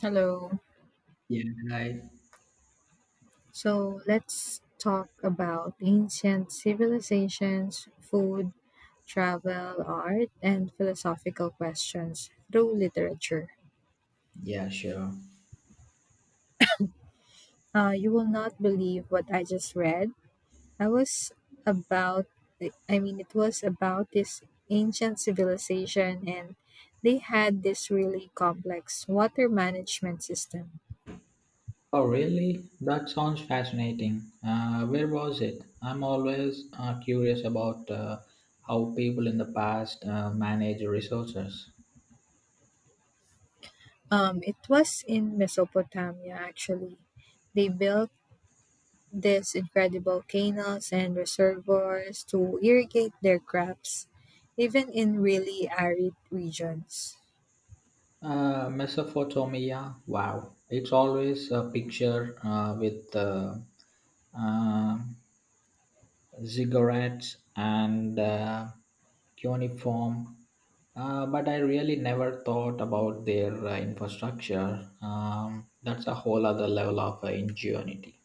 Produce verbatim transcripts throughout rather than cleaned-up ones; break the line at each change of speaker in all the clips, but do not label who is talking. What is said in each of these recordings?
Hello.
Yeah, I,
So let's talk about ancient civilizations, food, travel, art, and philosophical questions through literature.
yeah, sure.
Uh, you will not believe what I just read. I was about, I mean, it was about this ancient civilization, and they had this really complex water management system.
Oh, really? That sounds fascinating. Uh, where was it? I'm always uh, curious about uh, how people in the past uh, manage resources.
Um, it was in Mesopotamia, actually. They built these incredible canals and reservoirs to irrigate their crops, even in really arid regions.
Uh, Mesopotamia, wow. It's always a picture uh, with uh, uh, ziggurats and uh, cuneiform, uh, but I really never thought about their uh, infrastructure. Um, that's a whole other level of uh, ingenuity.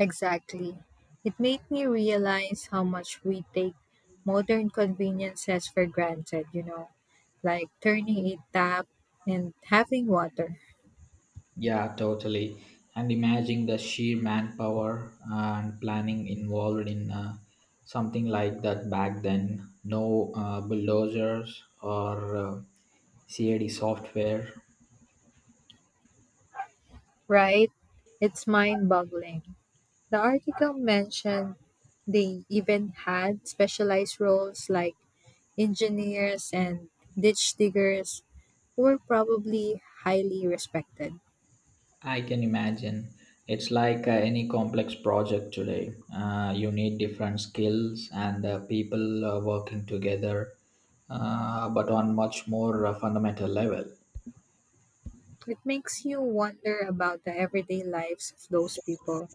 Exactly. It made me realize how much we take modern conveniences for granted, you know, like turning a tap and having water,
Yeah, totally. And imagine the sheer manpower uh, and planning involved in uh, something like that back then. No uh, bulldozers or uh, CAD software.
right? It's mind boggling. The article mentioned they even had specialized roles like engineers, and ditch diggers who were probably highly respected.
I can imagine. It's like uh, any complex project today. Uh, you need different skills and uh, people uh, working together, uh, but on much more uh, fundamental level.
It makes you wonder about the everyday lives of those people.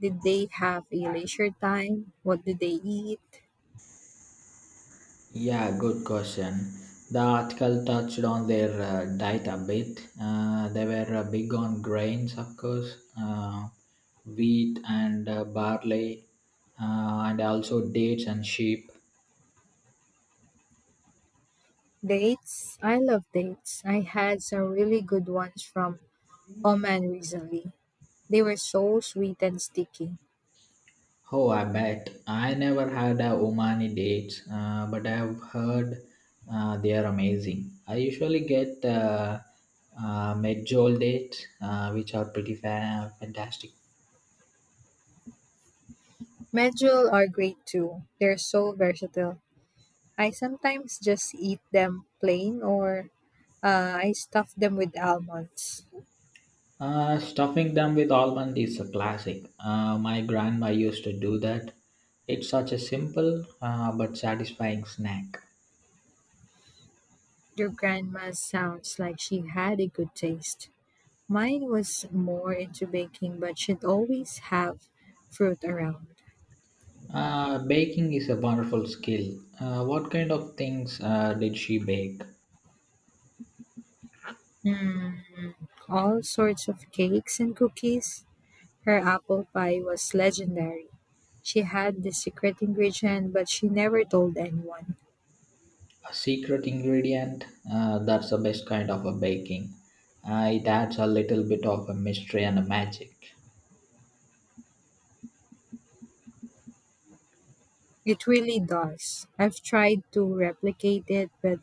Did they have a leisure time? What did they eat?
Yeah, good question. The article touched on their uh, diet a bit. Uh, they were uh, big on grains, of course, uh, wheat and uh, barley, uh, and also dates and sheep.
Dates? I love dates. I had some really good ones from Oman recently. They were so sweet and sticky.
Oh, I bet. I never had a Omani date, uh, but I've heard uh, they are amazing. I usually get uh, uh, medjool date, uh, which are pretty fa- fantastic.
Medjool are great too. They're so versatile. I sometimes just eat them plain or Uh, I stuffed them with almonds.
Uh, stuffing them with almond is a classic. Uh, my grandma used to do that. It's such a simple uh, but satisfying snack.
Your grandma sounds like she had a good taste. Mine was more into baking, but she'd always have fruit around.
Uh, baking is a wonderful skill. Uh, what kind of things uh, did she bake?
Mm, all sorts of cakes and cookies. Her apple pie was legendary. She had the secret ingredient, but she never told anyone.
A secret ingredient, uh, that's the best kind of a baking. Uh, it adds a little bit of a mystery and a magic.
It really does. I've tried to replicate it, but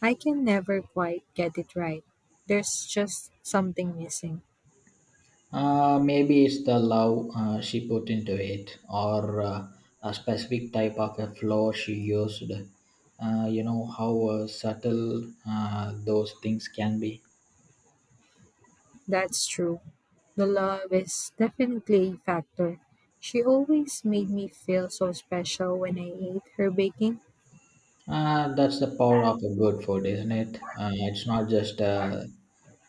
I can never quite get it right. There's just something missing.
uh, Maybe it's the love uh, she put into it, or uh, a specific type of a flour she used. Uh, you know how uh, subtle uh, those things can be.
That's true. The love is definitely a factor. She always made me feel so special when I ate her baking.
Uh, that's the power of a good food, isn't it? Uh, it's not just a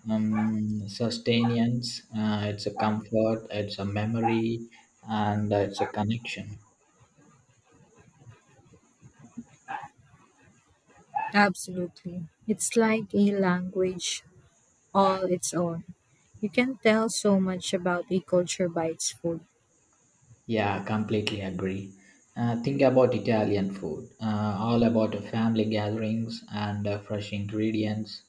um, sustenance, uh, it's a comfort, it's a memory, and uh, it's a connection.
Absolutely. It's like a language all its own. You can tell so much about a culture by its food.
Yeah, completely agree. Uh, think about Italian food, uh, all about uh, family gatherings and uh, fresh ingredients,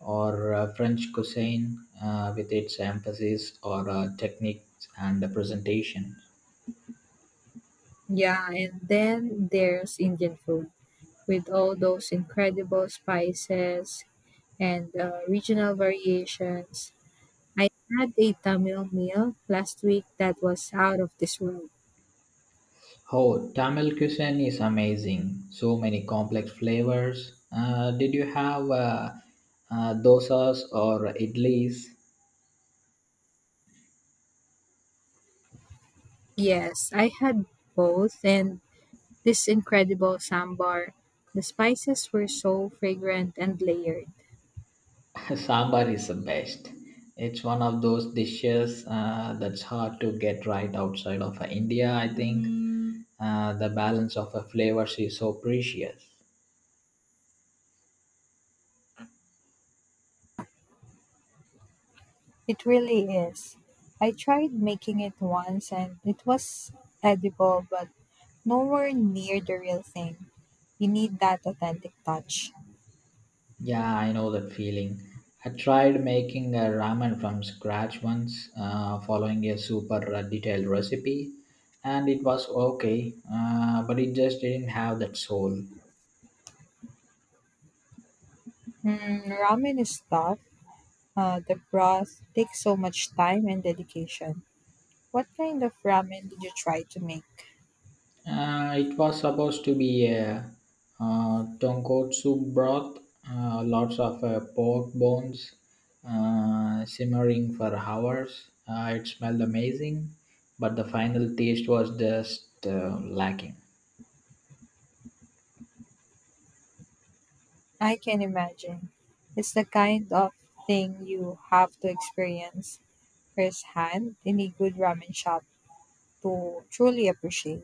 or uh, French cuisine uh, with its emphasis or uh, techniques and uh, presentation.
Yeah, and then there's Indian food with all those incredible spices and uh, regional variations. I had a Tamil meal last week that was out of this world.
Oh, Tamil cuisine is amazing. So many complex flavors. Uh, did you have uh, uh, dosas or idlis?
Yes, I had both, and this incredible sambar. The spices were so fragrant and layered.
Sambar is the best. It's one of those dishes uh, that's hard to get right outside of uh, India, I think. Uh, the balance of the flavors is so precious.
It really is. I tried making it once and it was edible, but nowhere near the real thing. You need that authentic touch.
Yeah, I know that feeling. I tried making a ramen from scratch once, uh, following a super uh, detailed recipe, and it was okay, uh, but it just didn't have that soul.
Mm, ramen is tough. Uh, the broth takes so much time and dedication. What kind of ramen did you try to make?
Uh, it was supposed to be a uh, tonkotsu broth, uh, lots of uh, pork bones uh, simmering for hours. Uh, it smelled amazing, but the final taste was just uh, lacking.
I can imagine. It's the kind of thing you have to experience firsthand in a good ramen shop to truly appreciate.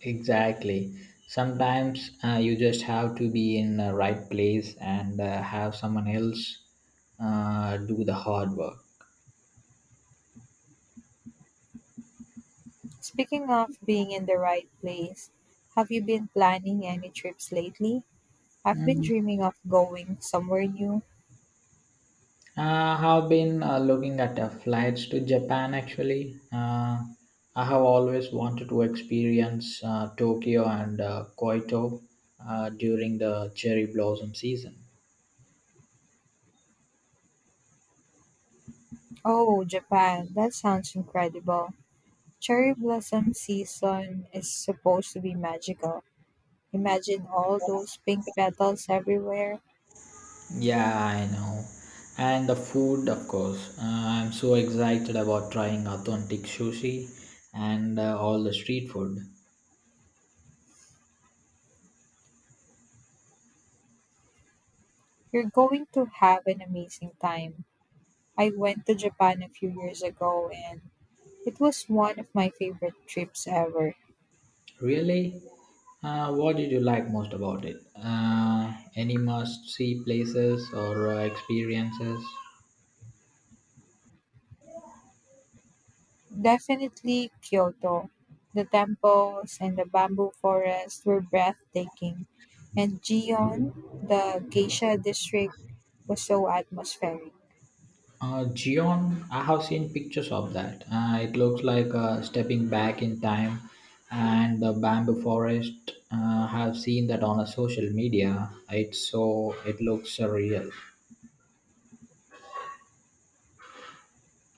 Exactly. Sometimes uh, you just have to be in the right place and uh, have someone else uh, do the hard work.
Speaking of being in the right place, have you been planning any trips lately? I've been
Mm.
dreaming of going somewhere new.
Uh, I have been uh, looking at uh, flights to Japan, actually. Uh, I have always wanted to experience uh, Tokyo and uh, Kyoto uh, during the cherry blossom season.
Oh, Japan, that sounds incredible. Cherry blossom season is supposed to be magical. Imagine all those pink petals everywhere.
Yeah, I know. And the food, of course. Uh, I'm so excited about trying authentic sushi and uh, all the street food.
You're going to have an amazing time. I went to Japan a few years ago and it was one of my favorite trips ever.
Really? Uh, what did you like most about it? Uh, any must-see places or uh, experiences?
Definitely Kyoto. The temples and the bamboo forest were breathtaking, and Gion, the geisha district, was so atmospheric.
Uh, Gion, I have seen pictures of that. Uh, it looks like uh, stepping back in time. And the bamboo forest, Uh, I have seen that on a social media. It's so it looks surreal.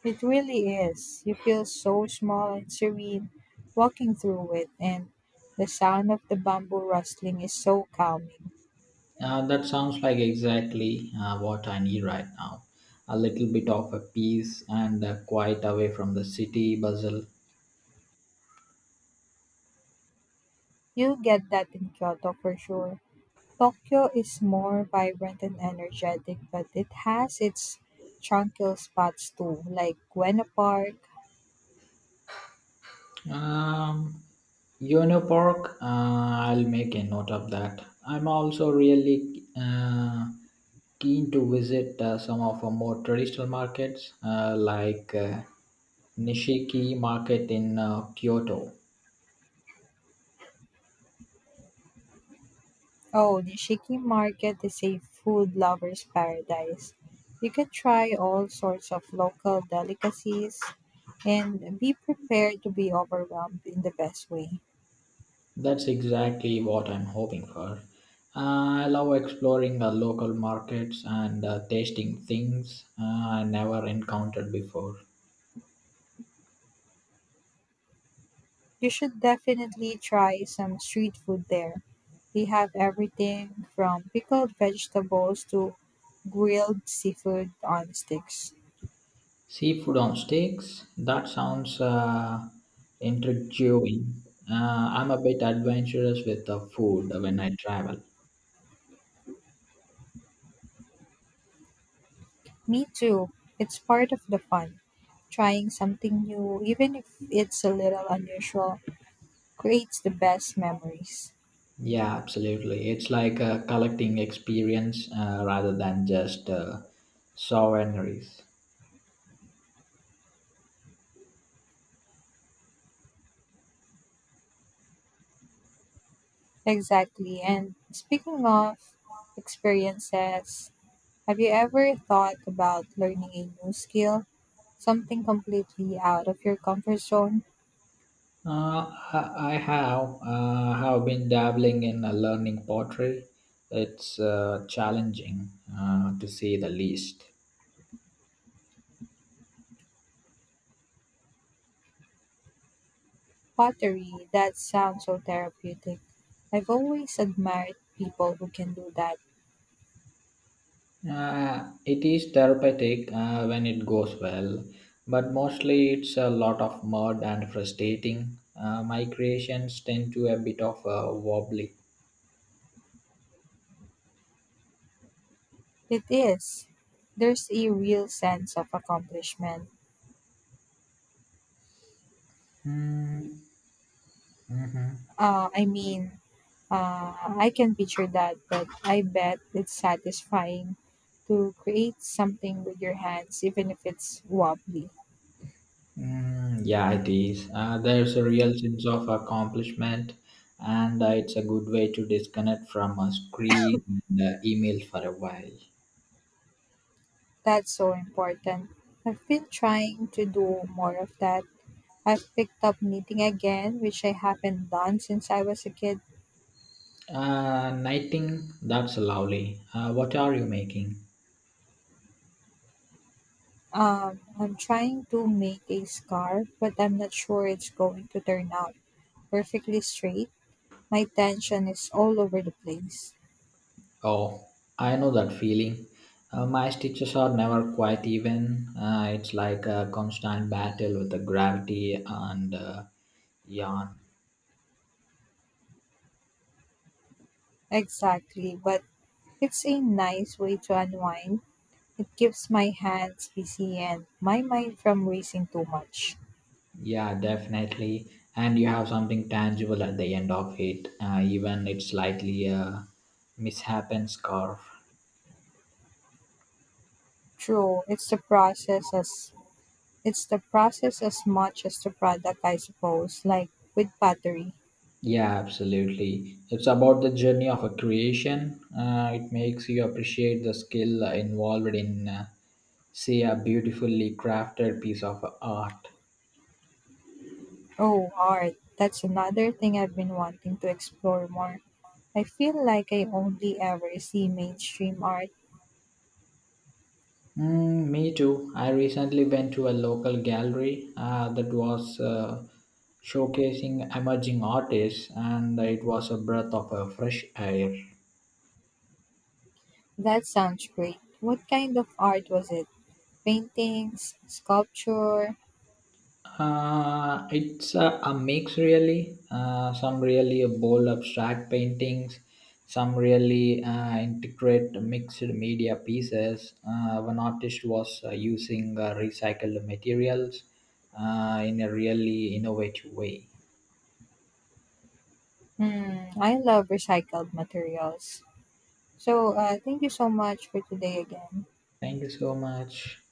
It really is. You feel so small and serene walking through it, and the sound of the bamboo rustling is so calming.
Uh, that sounds like exactly uh, what I need right now. A little bit of a peace and uh, quiet away from the city bustle.
You get that in Kyoto for sure. Tokyo is more vibrant and energetic, but it has its tranquil spots too, like Ueno Park.
Um, Yono Park, uh, I'll make a note of that. I'm also really uh, keen to visit uh, some of our more traditional markets uh, like uh, Nishiki Market in uh, Kyoto.
Oh, Nishiki Market is a food lover's paradise. You can try all sorts of local delicacies and be prepared to be overwhelmed in the best way.
That's exactly what I'm hoping for. Uh, I love exploring the local markets and uh, tasting things uh, I never encountered before.
You should definitely try some street food there. They have everything from pickled vegetables to grilled seafood on sticks.
Seafood on sticks? That sounds uh, intriguing. Uh, I'm a bit adventurous with the food when I travel.
Me too. It's part of the fun. Trying something new, even if it's a little unusual, creates the best memories.
Yeah, absolutely. It's like a collecting experience uh, rather than just uh, souvenirs.
Exactly. And speaking of experiences, have you ever thought about learning a new skill? Something completely out of your comfort zone?
Uh, I I have uh, have been dabbling in uh, learning pottery. It's uh, challenging uh, to say the least.
Pottery, that sounds so therapeutic. I've always admired people who can do that.
Uh, it is therapeutic uh, when it goes well, but mostly it's a lot of mud and frustrating. Uh, my creations tend to a bit of uh, wobbly.
It is. There's a real sense of accomplishment.
Mm-hmm.
Uh, I mean, uh, I can picture that, but I bet it's satisfying to create something with your hands, even if it's wobbly.
Mm, yeah, it is. Uh, there's a real sense of accomplishment, and uh, it's a good way to disconnect from a screen and uh, email for a while.
That's so important. I've been trying to do more of that. I've picked up knitting again, which I haven't done since I was a kid.
Uh, knitting, that's lovely. Uh, what are you making?
Um, I'm trying to make a scarf, but I'm not sure it's going to turn out perfectly straight. My tension is all over the place.
Oh, I know that feeling. Uh, my stitches are never quite even. Uh, it's like a constant battle with the gravity and uh, yarn.
Exactly, but it's a nice way to unwind. It keeps my hands busy and my mind from racing too much.
Yeah, definitely. And you have something tangible at the end of it, uh, even it's slightly a mishappen scarf.
True, it's the process as it's the process as much as the product, I suppose, like with pottery.
Yeah, absolutely. It's about the journey of a creation. Uh, it makes you appreciate the skill involved in, uh, say, a beautifully crafted piece of art.
Oh, art. That's another thing I've been wanting to explore more. I feel like I only ever see mainstream art.
Mm, me too. I recently went to a local gallery uh, that was uh, showcasing emerging artists, and it was a breath of uh, fresh air.
That sounds great. What kind of art was it? Paintings, sculpture?
Uh, it's a, a mix, really. Uh, some really bold abstract paintings, some really uh, intricate mixed media pieces. Uh, one artist was uh, using uh, recycled materials uh, in a really innovative way.
Hmm, I love recycled materials. So, uh, thank you so much for today again.
Thank you so much.